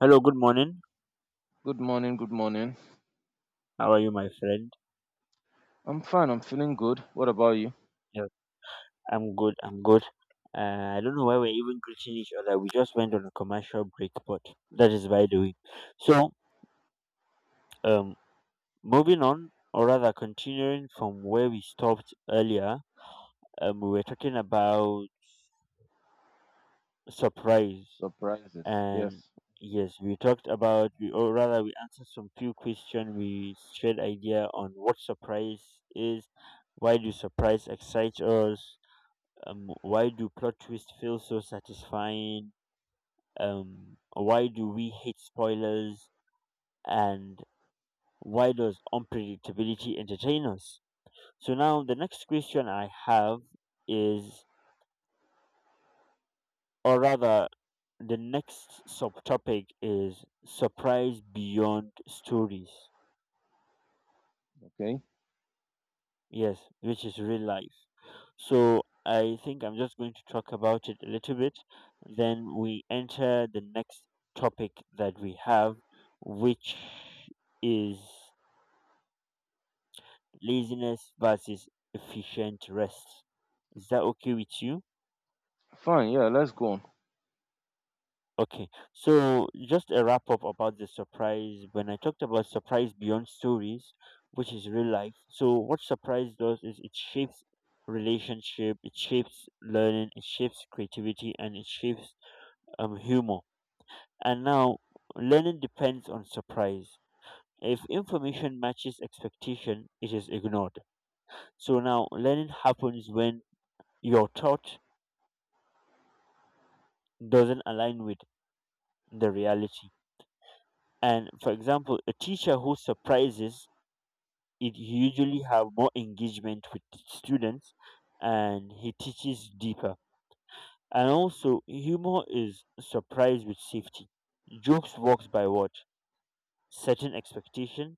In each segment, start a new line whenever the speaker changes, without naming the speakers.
Hello, good morning.
Good morning, good morning.
How are you, my friend?
I'm fine, I'm feeling good. What about you?
Yes, I'm good. I'm good. I don't know why we're even greeting each other. We just went on a commercial break, but that is by the way. So, um, moving on, or rather continuing from where we stopped earlier, we were talking about surprise,
Surprises.
and
Yes.
yes, we talked about we, or rather we answered some few questions. We shared idea on what surprise is, why do surprise excite us, why do plot twists feel so satisfying, why do we hate spoilers, and why does unpredictability entertain us. So now the next question I have is, or rather the next subtopic is, surprise beyond stories.
Okay.
Yes, which is real life. So I think I'm just going to talk about it a little bit. Then we enter the next topic that we have, which is laziness versus efficient rest. Is that okay with you?
Fine, yeah, let's go on.
Okay, so just a wrap up about the surprise. When I talked about surprise beyond stories, which is real life, so what surprise does is it shapes relationship, it shapes learning, it shapes creativity, and it shapes humor. And now, learning depends on surprise. If information matches expectation, it is ignored. So now, learning happens when your thought doesn't align with the reality. And for example, a teacher who surprises it usually have more engagement with the students, and he teaches deeper. And also humor is surprise with safety. Jokes works by what? Setting expectation,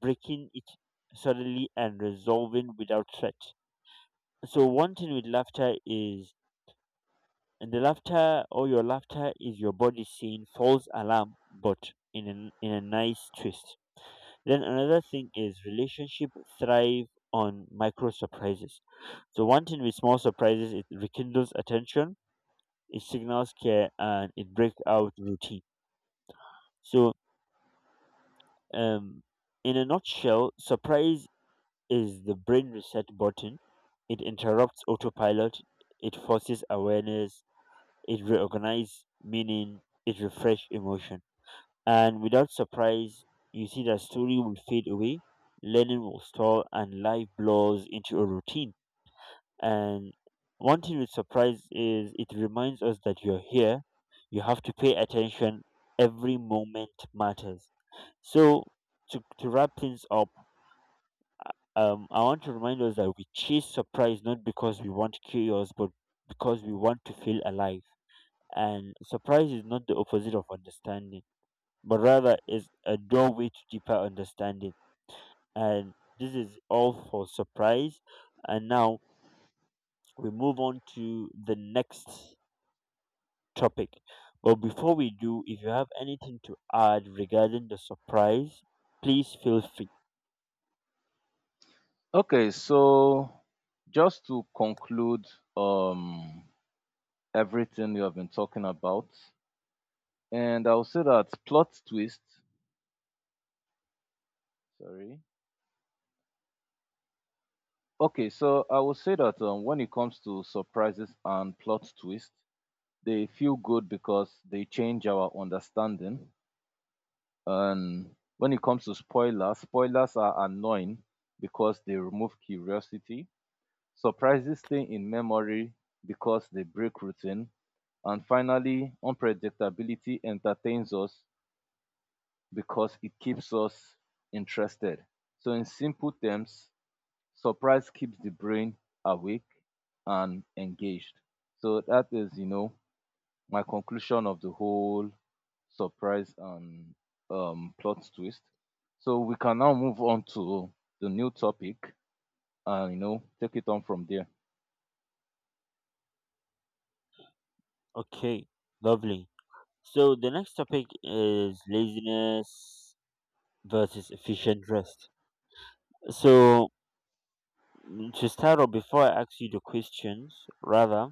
breaking it suddenly, and resolving without threat. So one thing with laughter is, and the laughter or your laughter is your body saying false alarm, but in a nice twist. Then another thing is relationship thrive on micro surprises. So one thing with small surprises, it rekindles attention, it signals care, and it breaks out routine. So, um, in a nutshell, surprise is the brain reset button. It interrupts autopilot. It forces awareness. It reorganizes meaning. It refresh emotion. And without surprise, you see that story will fade away, learning will stall, and life blurs into a routine. And one thing with surprise is it reminds us that you're here, you have to pay attention, every moment matters. So, to wrap things up, I want to remind us that we chase surprise not because we want chaos, but because we want to feel alive. And surprise is not the opposite of understanding, but rather is a doorway to deeper understanding. And this is all for surprise. And now we move on to the next topic. But before we do, if you have anything to add regarding the surprise, please feel free.
Okay, so just to conclude um everything you have been talking about, and I'll say that plot twist, sorry. Okay, so I will say that when it comes to surprises and plot twist, they feel good because they change our understanding. And when it comes to spoilers, spoilers are annoying because they remove curiosity, surprises stay in memory because they break routine, and finally, unpredictability entertains us because it keeps us interested. So, in simple terms, surprise keeps the brain awake and engaged. So, that is my conclusion of the whole surprise and plot twist. So we can now move on to the new topic and take it on from there.
Okay, lovely. So the next topic is laziness versus efficient rest. So to start off, before I ask you the questions, rather,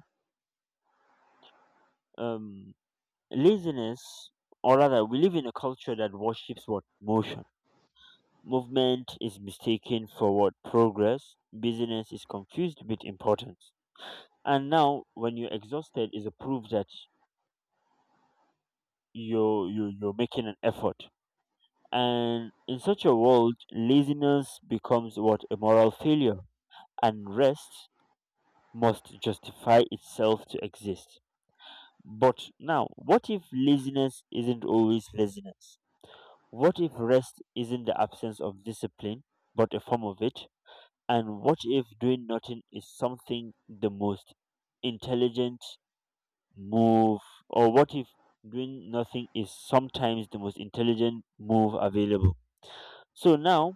um, laziness, or rather we live in a culture that worships what? Motion. Movement is mistaken for what? Progress. Busyness is confused with importance. And now when you're exhausted is a proof that you're making an effort. And in such a world laziness becomes what? A moral failure. And rest must justify itself to exist. But now what if laziness isn't always laziness? What if rest isn't the absence of discipline, but a form of it? And what if doing nothing is something the most intelligent move? Or what if doing nothing is sometimes the most intelligent move available? So now,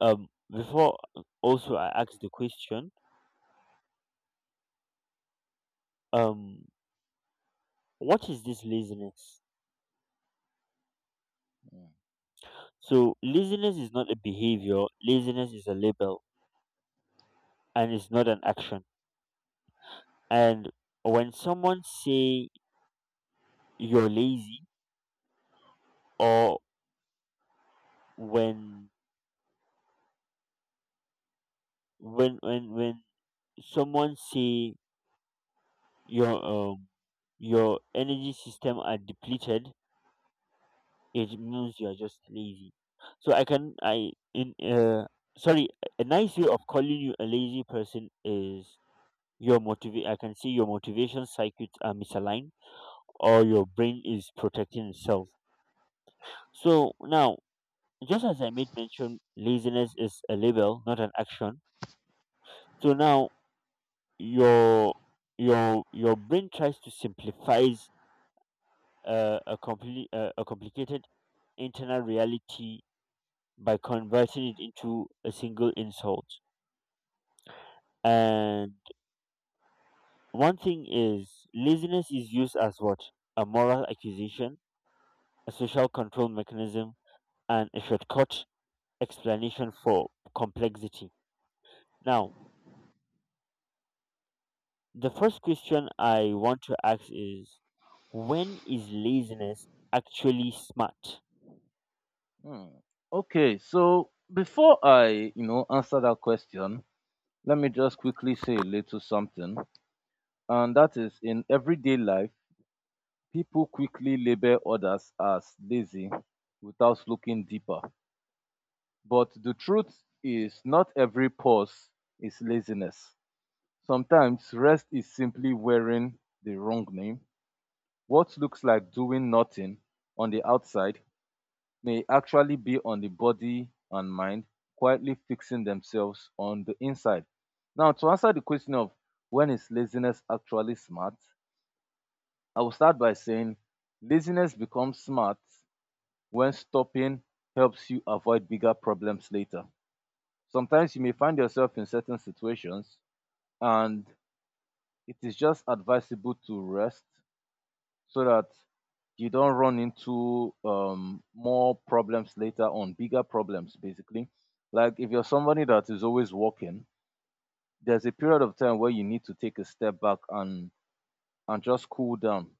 before also I ask the question, um, what is this laziness?
Mm.
So laziness is not a behavior. Laziness is a label, and it's not an action. And when someone say you're lazy, or when when when when someone say your um your energy system are depleted, it means you're just lazy. So I can I in sorry a nice way of calling you a lazy person is your motivate I can see your motivation circuits are misaligned, or your brain is protecting itself. So now, just as I made mention, laziness is a label, not an action. So now, your your brain tries to simplifies a complete a complicated internal reality by converting it into a single insult. And one thing is laziness is used as what? A moral accusation, a social control mechanism, and a shortcut explanation for complexity. Now, the first question I want to ask is, when is laziness actually smart?
Hmm. Okay, so before I answer that question, let me just quickly say a little something, and that is in everyday life, people quickly label others as lazy without looking deeper. But the truth is, not every pause is laziness. Sometimes rest is simply wearing the wrong name. What looks like doing nothing on the outside may actually be on the body and mind quietly fixing themselves on the inside. Now, to answer the question of when is laziness actually smart, I will start by saying laziness becomes smart when stopping helps you avoid bigger problems later. Sometimes you may find yourself in certain situations and it is just advisable to rest so that you don't run into more problems later on, bigger problems basically. Like if you're somebody that is always working, there's a period of time where you need to take a step back and just cool down.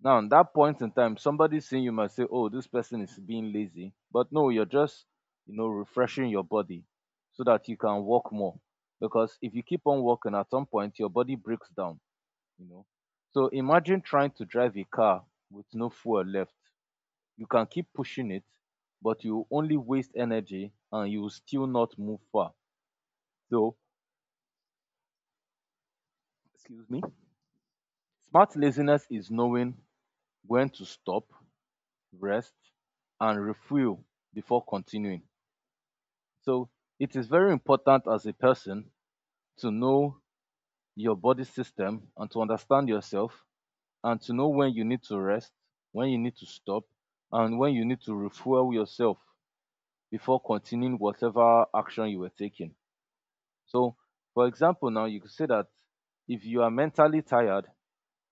Now, at that point in time, somebody seeing you might say, "Oh, this person is being lazy," but no, you're just refreshing your body so that you can walk more. Because if you keep on walking, at some point your body breaks down you know. So imagine trying to drive a car with no fuel left. You can keep pushing it, but you only waste energy and you will still not move far. So, excuse me. Smart laziness is knowing when to stop, rest, and refuel before continuing. So, it is very important as a person to know your body system and to understand yourself and to know when you need to rest, when you need to stop, and when you need to refuel yourself before continuing whatever action you were taking. So, for example, now you could say that if you are mentally tired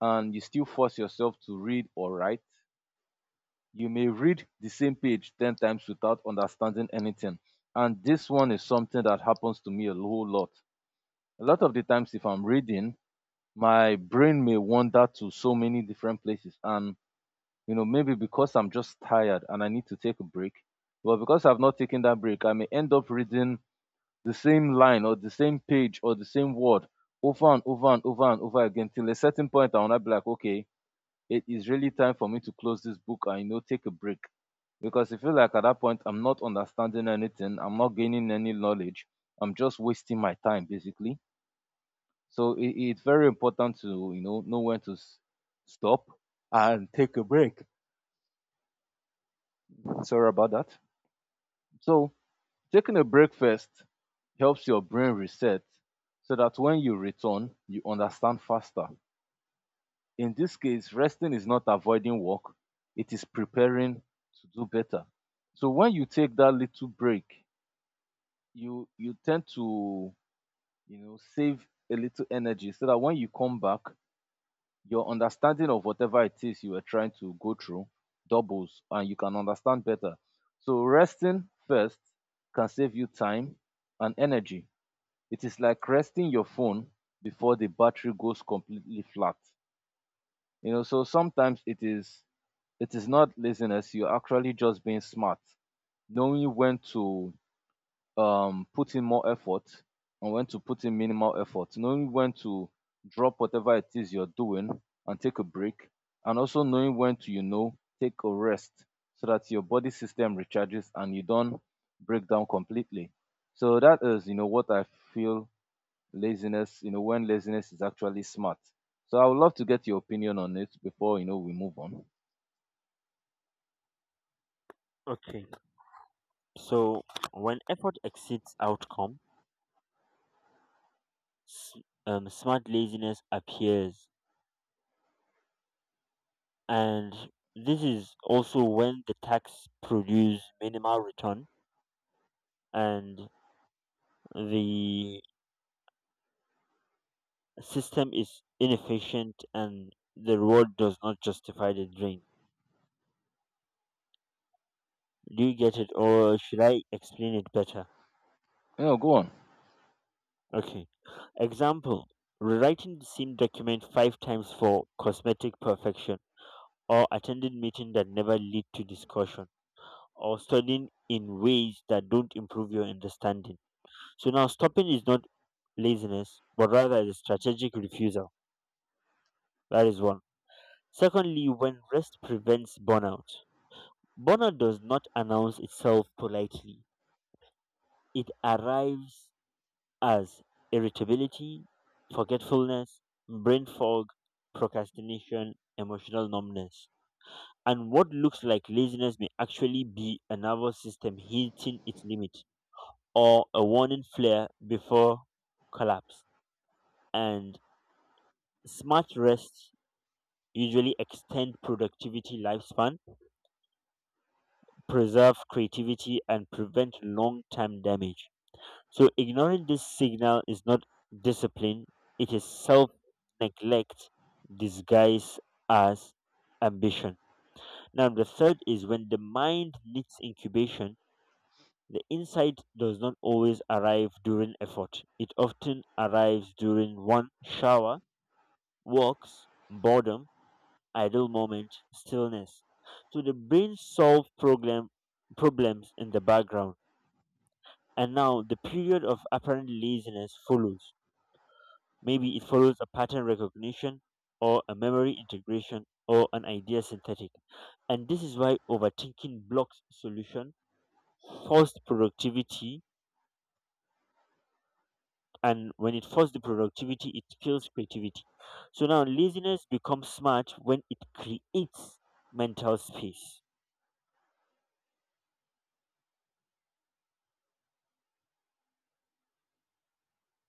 and you still force yourself to read or write, you may read the same page 10 times without understanding anything. And this one is something that happens to me a whole lot. A lot of the times, if I'm reading, my brain may wander to so many different places. And, maybe because I'm just tired and I need to take a break, well, because I've not taken that break, I may end up reading the same line or the same page or the same word over and over and over and over again till a certain point I wanna be like, okay, it is really time for me to close this book and take a break. Because I feel like at that point I'm not understanding anything, I'm not gaining any knowledge, I'm just wasting my time basically. So it's very important to know when to stop and take a break. Sorry about that. So taking a break first helps your brain reset so that when you return, you understand faster. In this case, resting is not avoiding work, it is preparing to do better. So when you take that little break, you tend to, save a little energy so that when you come back, your understanding of whatever it is you are trying to go through doubles and you can understand better. So resting first can save you time and energy. It is like resting your phone before the battery goes completely flat. You know, so sometimes it is not laziness, you're actually just being smart, knowing when to put in more effort and when to put in minimal effort, knowing when to drop whatever it is you're doing and take a break, and also knowing when to, take a rest so that your body system recharges and you don't break down completely. So that is what I feel laziness, when laziness is actually smart. So I would love to get your opinion on it before, we move on.
Okay. So when effort exceeds outcome, s- smart laziness appears, and this is also when the tax produce minimal return and the system is inefficient and the reward does not justify the drain. Do you get it, or should I explain it better?
Yeah, go on.
Okay. Example: rewriting the same document 5 times for cosmetic perfection, or attending meeting that never lead to discussion, or studying in ways that don't improve your understanding. So now stopping is not laziness, but rather is a strategic refusal. That is one. Secondly, when rest prevents burnout, burnout does not announce itself politely. It arrives as irritability, forgetfulness, brain fog, procrastination, emotional numbness. And what looks like laziness may actually be a nervous system hitting its limit, or a warning flare before collapse. And smart rests usually extend productivity lifespan, preserve creativity, and prevent long term damage. So, ignoring this signal is not discipline, it is self neglect disguised as ambition. Now, the third is when the mind needs incubation, the insight does not always arrive during effort. It often arrives during one shower, walks, boredom, idle moment, stillness. So the brain solves problems in the background. And now the period of apparent laziness follows. Maybe it follows a pattern recognition, or a memory integration, or an idea synthetic. And this is why overthinking blocks solution, forced productivity, and when it forces the productivity, it kills creativity. So now laziness becomes smart when it creates mental space.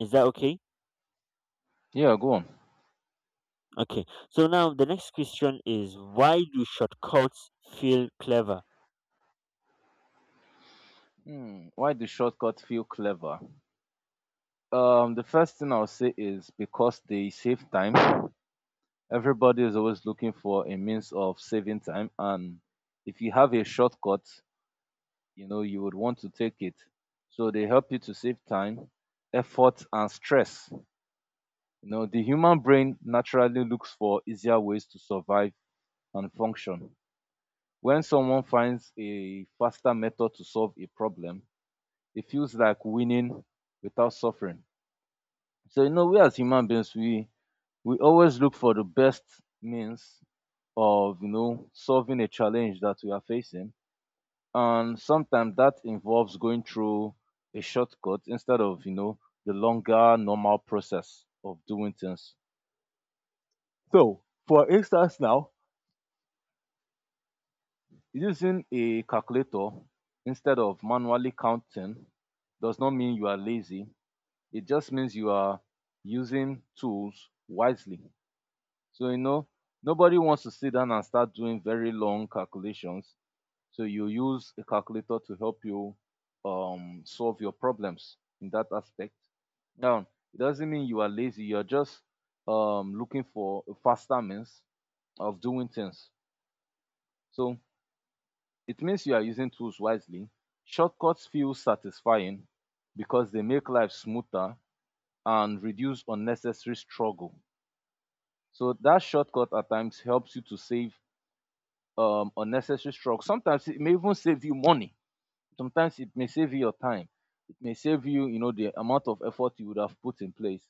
Is that okay?
Yeah, go on.
Okay. So now the next question is, why do shortcuts feel clever?
Hmm, why do shortcuts feel clever? The first thing I'll say is because they save time. Everybody is always looking for a means of saving time, and if you have a shortcut, you would want to take it. So they help you to save time, effort, and stress. You know, the human brain naturally looks for easier ways to survive and function. When someone finds a faster method to solve a problem, it feels like winning without suffering. So we as human beings, we always look for the best means of solving a challenge that we are facing, and sometimes that involves going through a shortcut instead of the longer normal process of doing things. So, for instance, now using a calculator instead of manually counting does not mean you are lazy. It just means you are using tools wisely. So, you know, nobody wants to sit down and start doing very long calculations. So, you use a calculator to help you solve your problems in that aspect. Now, it doesn't mean you are lazy. You're just looking for a faster means of doing things. So, it means you are using tools wisely. Shortcuts feel satisfying because they make life smoother and reduce unnecessary struggle. So that shortcut at times helps you to save unnecessary struggle. Sometimes it may even save you money. Sometimes it may save you your time. It may save you, the amount of effort you would have put in place.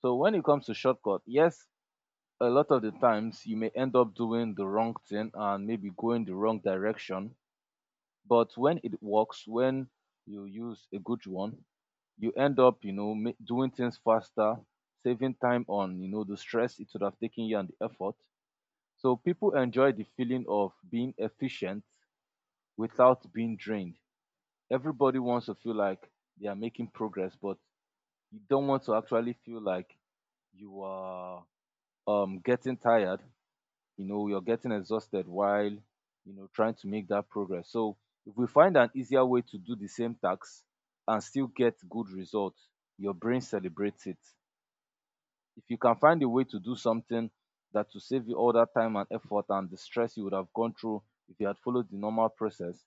So when it comes to shortcut, yes, a lot of the times you may end up doing the wrong thing and maybe going the wrong direction. But when it works, when you use a good one, you end up, doing things faster, saving time on, the stress it would have taken you and the effort. So people enjoy the feeling of being efficient without being drained. Everybody wants to feel like they are making progress, but you don't want to actually feel like you are getting tired, you're getting exhausted while trying to make that progress. So if we find an easier way to do the same task and still get good results, your brain celebrates it. If you can find a way to do something that will save you all that time and effort and the stress you would have gone through if you had followed the normal process,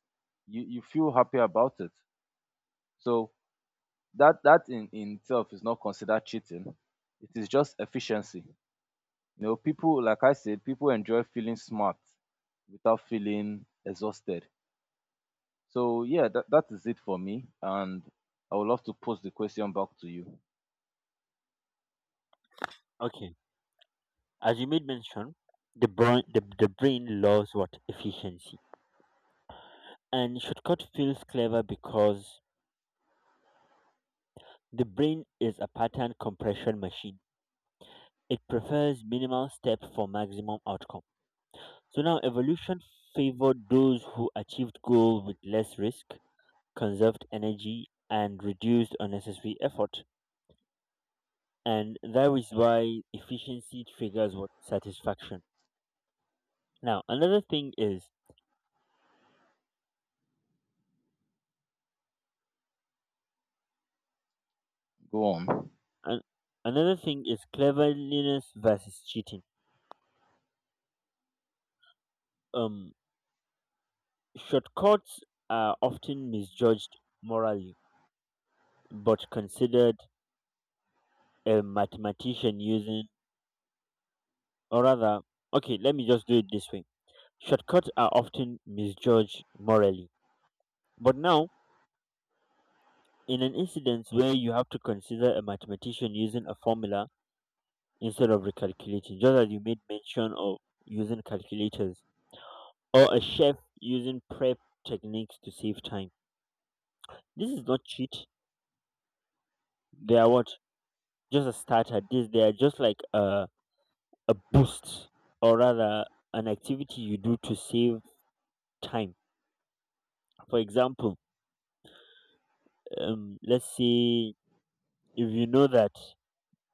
you feel happy about it. So that in itself is not considered cheating, it is just efficiency. You know, people, like I said, people enjoy feeling smart without feeling exhausted. So yeah, that is it for me. And I would love to pose the question back to you.
Okay. As you made mention, the brain loves what? Efficiency. And shortcut feels clever because the brain is a pattern compression machine. It prefers minimal step for maximum outcome. So now evolution favored those who achieved goal with less risk, conserved energy, and reduced unnecessary effort. And that is why efficiency triggers what? Satisfaction. Now, another thing is
Go on.
an, another thing is cleverness versus cheating. Um, shortcuts are often misjudged morally, but considered a mathematician using, or rather, okay, let me just do it this way. Shortcuts are often misjudged morally, but now in an incident where you have to consider a mathematician using a formula instead of recalculating, just as you made mention of using calculators, or a chef using prep techniques to save time. This is not cheat. They are what? Just a starter. This They are just like a boost, or rather an activity you do to save time. For example, let's say if you know that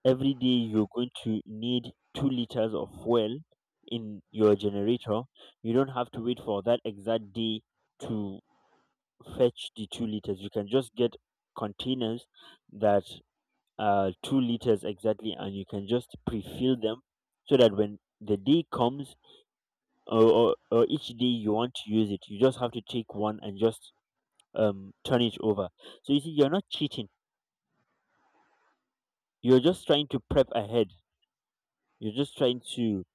every day you're going to need 2 liters of fuel in your generator, you don't have to wait for that exact day to fetch the 2 liters. You can just get containers that are 2 liters exactly, and you can just pre-fill them so that when the day comes, or each day you want to use it, you just have to take one and just turn it over. So you see, you're not cheating. You're just trying to prep ahead. You're just trying to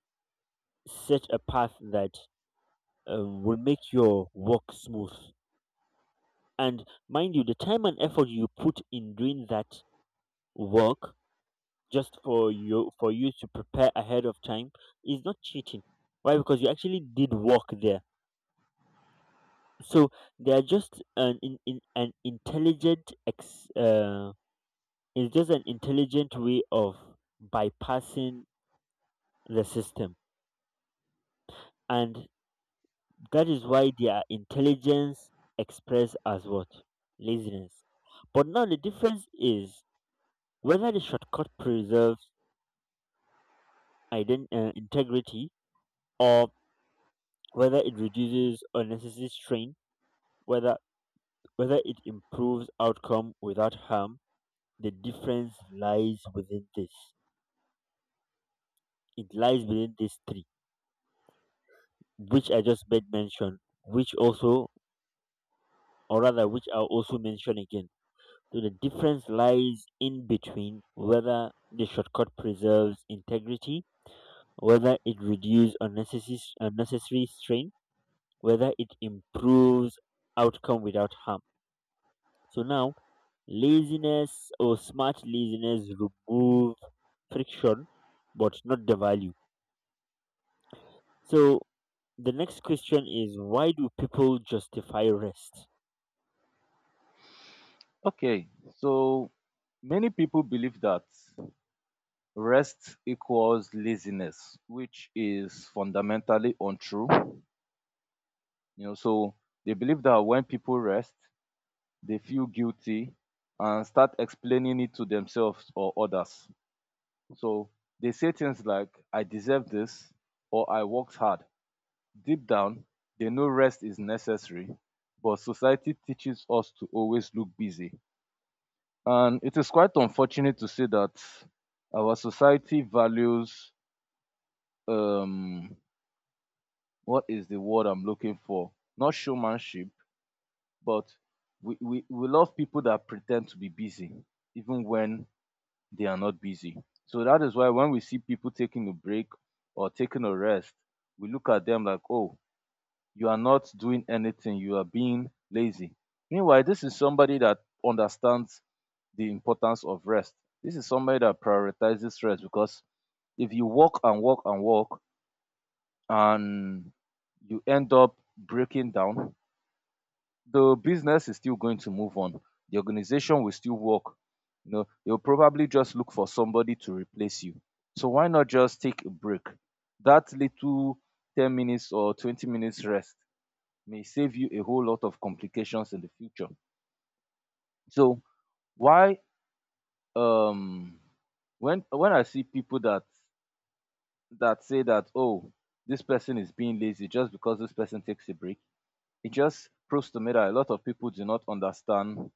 set a path that will make your work smooth. And mind you, the time and effort you put in doing that work just for you to prepare ahead of time is not cheating. Why? Because you actually did work there. So they are just an intelligent ex, it's just an intelligent way of bypassing the system. And that is why their intelligence expressed as what? Laziness. But now the difference is whether the shortcut preserves integrity, or whether it reduces unnecessary strain. Whether whether it improves outcome without harm, the difference lies within this. It lies within these three, which I just made mention, which also which I'll also mention again. So the difference lies in between whether the shortcut preserves integrity, whether it reduces unnecessary strain, whether it improves outcome without harm. So now laziness or smart laziness remove friction but not the value. So the next question is, why do people justify rest?
Okay, so many people believe that rest equals laziness, which is fundamentally untrue. You know, so they believe that when people rest, they feel guilty and start explaining it to themselves or others. So they say things like, I deserve this, or I worked hard. Deep down, they know rest is necessary, but society teaches us to always look busy. And it is quite unfortunate to say that our society values, um, what is the word I'm looking for? Not showmanship, but we love people that pretend to be busy, even when they are not busy. So that is why when we see people taking a break or taking a rest, we look at them like, oh, you are not doing anything, you are being lazy. Meanwhile, this is somebody that understands the importance of rest. This is somebody that prioritizes rest because if you walk and walk and walk and you end up breaking down, the business is still going to move on. The organization will still work. You know, they'll probably just look for somebody to replace you. So why not just take a break? That little 10 minutes or 20 minutes rest may save you a whole lot of complications in the future. So why um when I see people that say that, oh, this person is being lazy just because this person takes a break, it just proves to me that a lot of people do not understand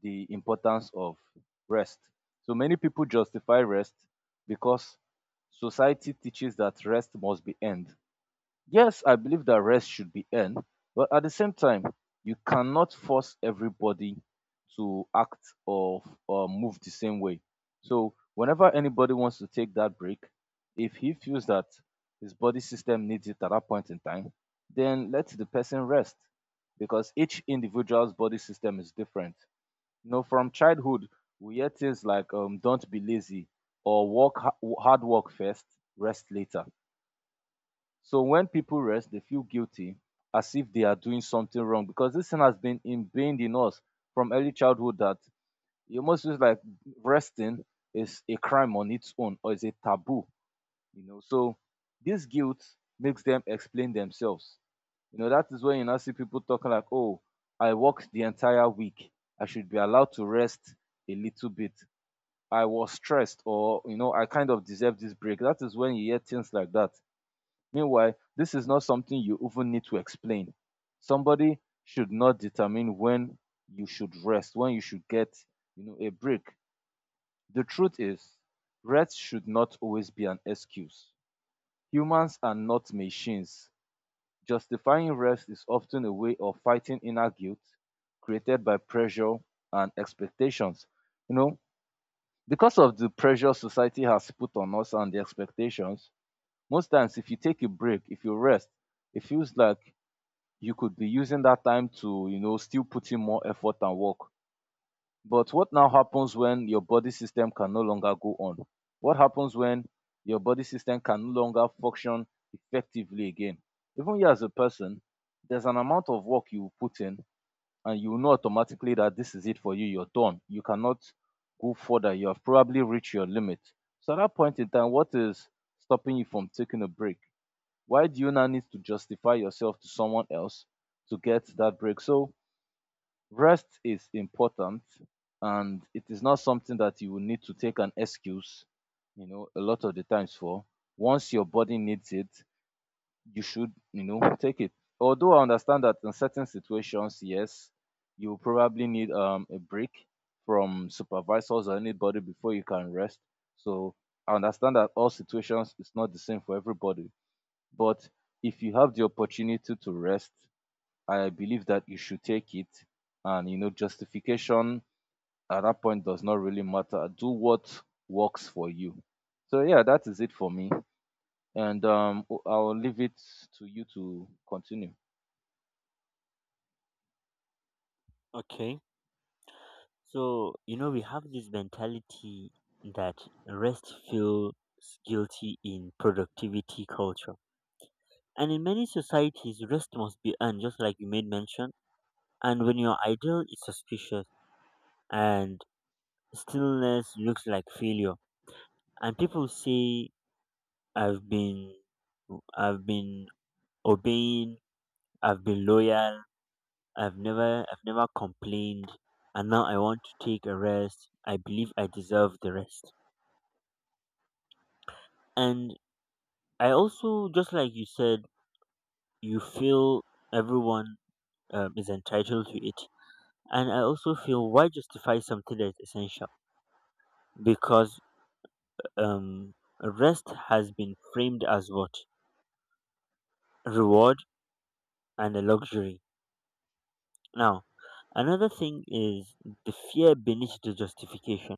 the importance of rest. So many people justify rest because society teaches that rest must be earned. Yes, I believe that rest should be earned, but at the same time, you cannot force everybody to act or move the same way. So whenever anybody wants to take that break, if he feels that his body system needs it at that point in time, then let the person rest because each individual's body system is different. You know, from childhood, we hear things like don't be lazy or work hard work first, rest later. So when people rest, they feel guilty as if they are doing something wrong because this thing has been ingrained in us from early childhood that it almost feels like resting is a crime on its own or is a taboo, so this guilt makes them explain themselves. You know, that is when you now see people talking like, oh, I worked the entire week, I should be allowed to rest a little bit, I was stressed, or I kind of deserve this break. That is when you hear things like that. Meanwhile, this is not something you even need to explain. Somebody should not determine when you should rest, when you should get, a break. The truth is rest should not always be an excuse. Humans are not machines. Justifying rest is often a way of fighting inner guilt created by pressure and expectations. You know, because of the pressure society has put on us and the expectations, most times if you take a break, if you rest, it feels like you could be using that time to, you know, still put in more effort and work. But what now happens when your body system can no longer go on? What happens when your body system can no longer function effectively again? Even you as a person, there's an amount of work you put in, and you know automatically that this is it for you, you're done. You cannot go further. You have probably reached your limit. So at that point in time, what is stopping you from taking a break? Why do you now need to justify yourself to someone else to get that break? So rest is important, and it is not something that you will need to take an excuse, a lot of the times, for. Once your body needs it, you should, take it. Although I understand that in certain situations, yes, you will probably need a break from supervisors or anybody before you can rest. So I understand that all situations is not the same for everybody. But if you have the opportunity to rest, I believe that you should take it. And justification at that point does not really matter. Do what works for you. So yeah, that is it for me. And I'll leave it to you to continue.
Okay. So you know we have this mentality that rest feels guilty in productivity culture. And in many societies rest must be earned, just like you made mention. And when you're idle it's suspicious, and stillness looks like failure. And people say, I've been I've been obeying, I've been loyal, I've never complained, and now I want to take a rest. I believe I deserve the rest. And I also, just like you said, you feel everyone is entitled to it. And I also feel, why justify something that is essential? Because um rest has been framed as what? Reward and a luxury. Now, another thing is the fear beneath the justification.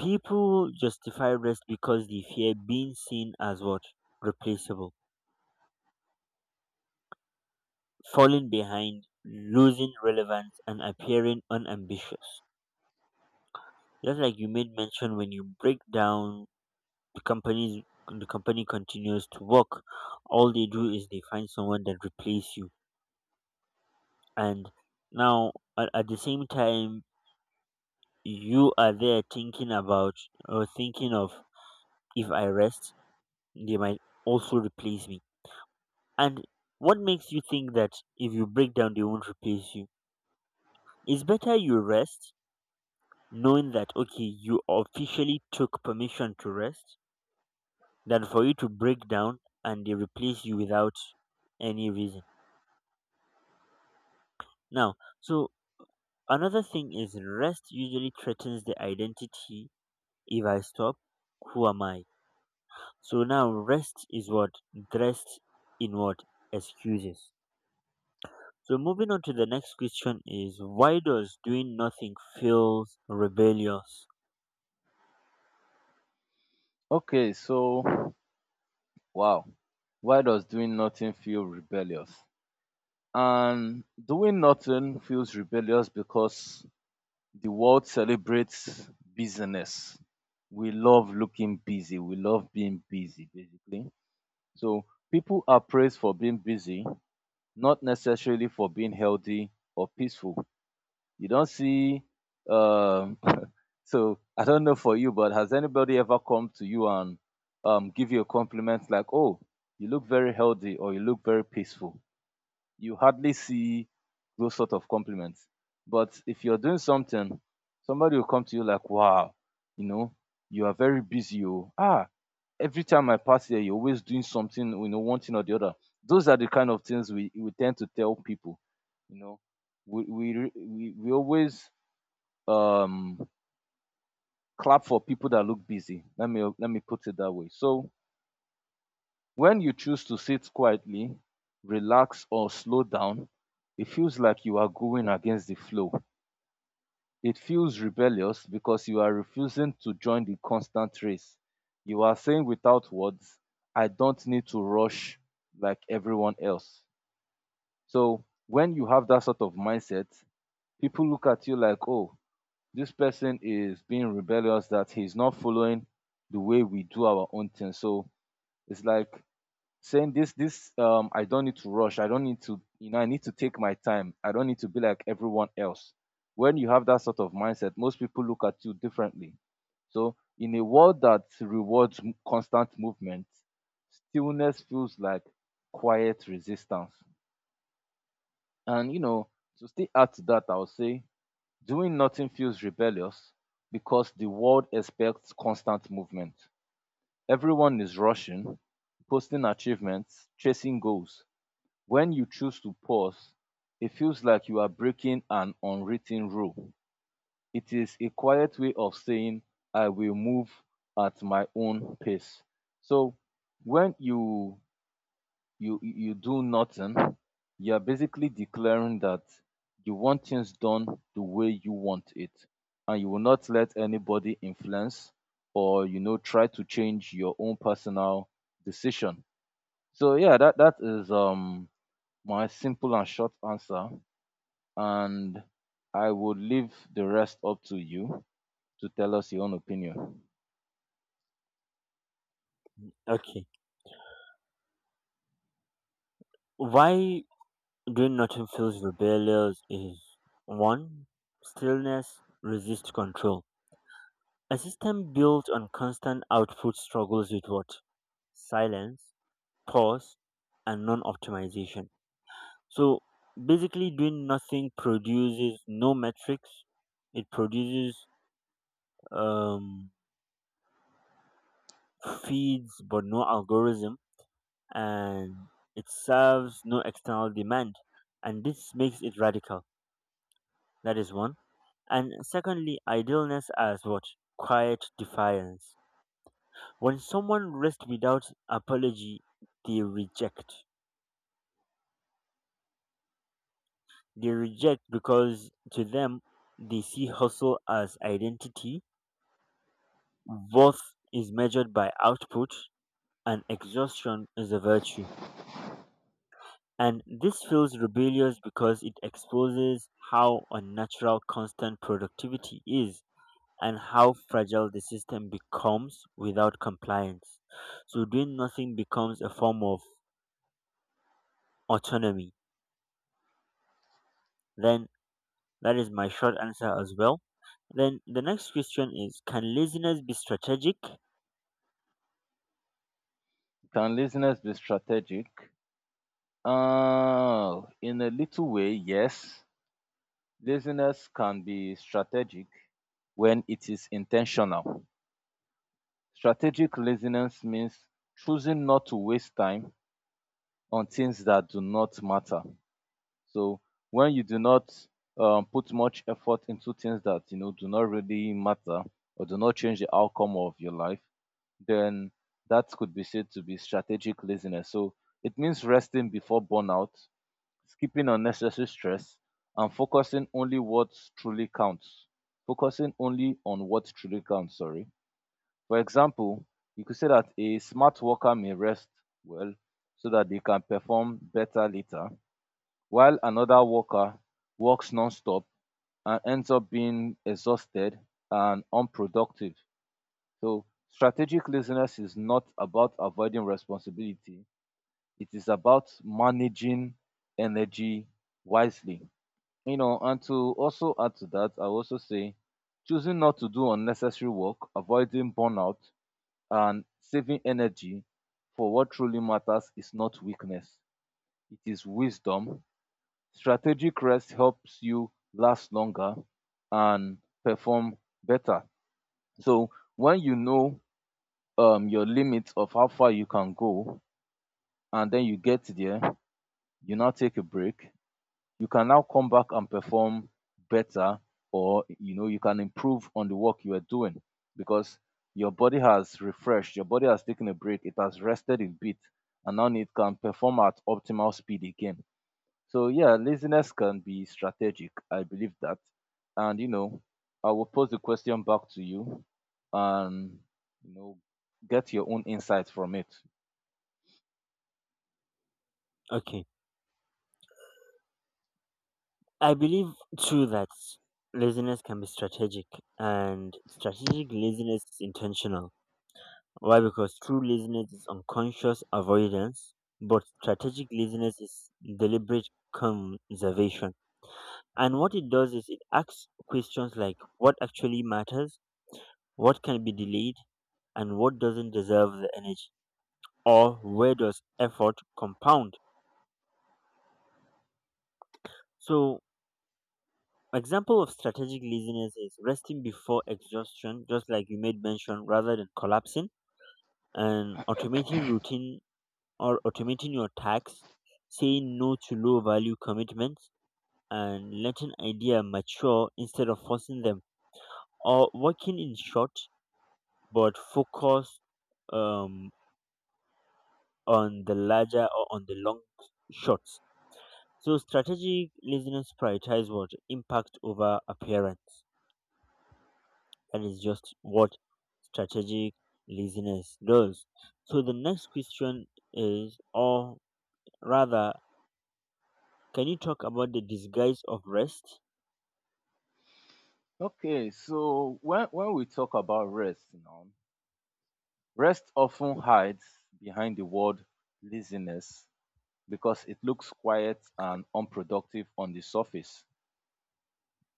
People justify rest because they fear being seen as what? Replaceable, falling behind, losing relevance, and appearing unambitious. Just like you made mention, when you break down, the company continues to work, all they do is they find someone that replace you. And now at the same time, you are there thinking about or thinking of, if I rest, they might also replace me. And what makes you think that if you break down, they won't replace you? It's better you rest, knowing that, okay, you officially took permission to rest, than for you to break down and they replace you without any reason. Now, so another thing is rest usually threatens the identity. If I stop, who am I? So now rest is what? Dressed in what? Excuses. So moving on to the next question is, why does doing nothing feels rebellious?
Okay, so wow. Why does doing nothing feel rebellious? And doing nothing feels rebellious because the world celebrates busyness. We love looking busy. We love being busy, basically. So people are praised for being busy, not necessarily for being healthy or peaceful. You don't see. Um, so I don't know for you, but has anybody ever come to you and give you a compliment like, "Oh, you look very healthy" or "You look very peaceful"? You hardly see those sort of compliments. But if you're doing something, somebody will come to you like, "Wow, you know, you are very busy. Oh, ah, every time I pass here, you're always doing something, you know, one thing or the other." Those are the kind of things we tend to tell people, you know. We always um clap for people that look busy. Let me put it that way. So when you choose to sit quietly, relax, or slow down, it feels like you are going against the flow. It feels rebellious because you are refusing to join the constant race. You are saying without words, I don't need to rush like everyone else. So when you have that sort of mindset, people look at you like, oh, this person is being rebellious, that he's not following the way we do our own thing. So it's like saying this, I don't need to rush, I don't need to, you know, I need to take my time, I don't need to be like everyone else. When you have that sort of mindset, most people look at you differently. So in a world that rewards constant movement, stillness feels like quiet resistance. And you know, to still add to that, I would say doing nothing feels rebellious because the world expects constant movement. Everyone is rushing, posting achievements, chasing goals. When you choose to pause, it feels like you are breaking an unwritten rule. It is a quiet way of saying, I will move at my own pace. So when you do nothing, you are basically declaring that you want things done the way you want it, and you will not let anybody influence or try to change your own personal decision. So yeah, that is my simple and short answer, and I would leave the rest up to you to tell us your own opinion.
Okay. Why doing nothing feels rebellious is, one, stillness resists control. A system built on constant output struggles with what? Silence, pause, and non optimization. So basically doing nothing produces no metrics. It produces um feeds but no algorithm, and it serves no external demand. And this makes it radical. That is one. And secondly, idealness as what? Quiet defiance. When someone rests without apology, they reject. They reject because, to them, they see hustle as identity. Worth is measured by output, and exhaustion is a virtue. And this feels rebellious because it exposes how unnatural constant productivity is and how fragile the system becomes without compliance. So doing nothing becomes a form of autonomy. Then that is my short answer as well. Then the next question is, can laziness be strategic?
Can laziness be strategic? In a little way, yes. Laziness can be strategic when it is intentional. Strategic laziness means choosing not to waste time on things that do not matter. So when you do not put much effort into things that you know do not really matter or do not change the outcome of your life, then that could be said to be strategic laziness. So it means resting before burnout, skipping unnecessary stress, and focusing only what truly counts. Focusing only on what truly counts, sorry. For example, you could say that a smart worker may rest well so that they can perform better later, while another worker works non-stop and ends up being exhausted and unproductive. So strategic laziness is not about avoiding responsibility. It is about managing energy wisely. You know, and to also add to that, I also say choosing not to do unnecessary work, avoiding burnout, and saving energy for what truly matters is not weakness. It is wisdom. Strategic rest helps you last longer and perform better. So when you know your limit of how far you can go, and then you get there, you now take a break. You can now come back and perform better, or you know you can improve on the work you are doing because your body has refreshed, your body has taken a break, it has rested a bit, and now it can perform at optimal speed again. So yeah, laziness can be strategic. I believe that. And you know, I will pose the question back to you and you know get your own insight from it.
Okay. I believe too that laziness can be strategic, and strategic laziness is intentional. Why? Because true laziness is unconscious avoidance, but strategic laziness is deliberate conservation. And what it does is it asks questions like, what actually matters, what can be delayed, and what doesn't deserve the energy, or where does effort compound. So, example of strategic laziness is resting before exhaustion, just like you made mention, rather than collapsing, and automating routine or automating your tasks, saying no to low value commitments, and letting ideas mature instead of forcing them, or working in short but focus um, on the larger or on the long shots. So strategic listeners prioritize what impact over appearance. That is just what strategic listeners does. So the next question is, or rather, can you talk about the disguise of rest?
Okay, so when we talk about rest now, rest often hides behind the word laziness because it looks quiet and unproductive on the surface.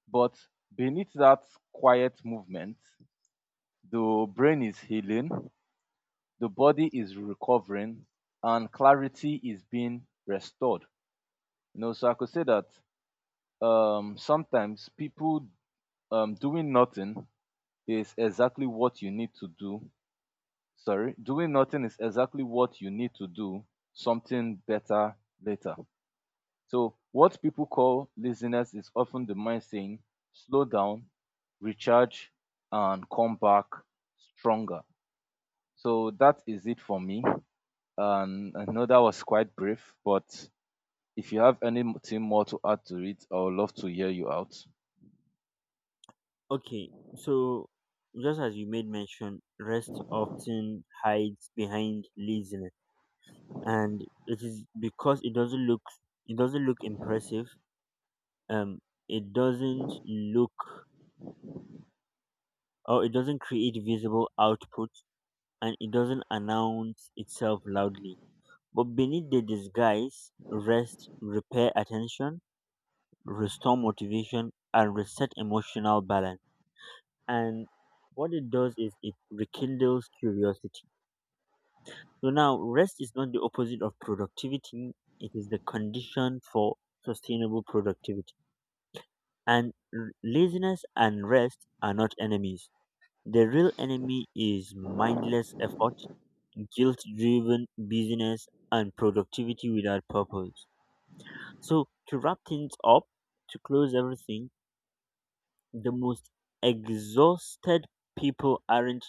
But beneath that quiet movement, the brain is healing, the body is recovering, and clarity is being restored. You know, so I could say that sometimes people doing nothing is exactly what you need to do. Sorry, doing nothing is exactly what you need to do something better later. So, what people call laziness is often the mind saying, slow down, recharge, and come back stronger. So, that is it for me. And I know that was quite brief, but if you have anything more to add to it, I would love to hear you out.
Okay, so just as you made mention, rest often hides behind laziness, and it is because it doesn't look impressive. Um, it doesn't look or it doesn't create visible output, and it doesn't announce itself loudly. But beneath the disguise, rest, repair attention, restore motivation, and reset emotional balance. And what it does is it rekindles curiosity. So now, rest is not the opposite of productivity, it is the condition for sustainable productivity. And laziness and rest are not enemies. The real enemy is mindless effort, guilt driven busyness, and productivity without purpose. So, to wrap things up, to close everything, the most exhausted people aren't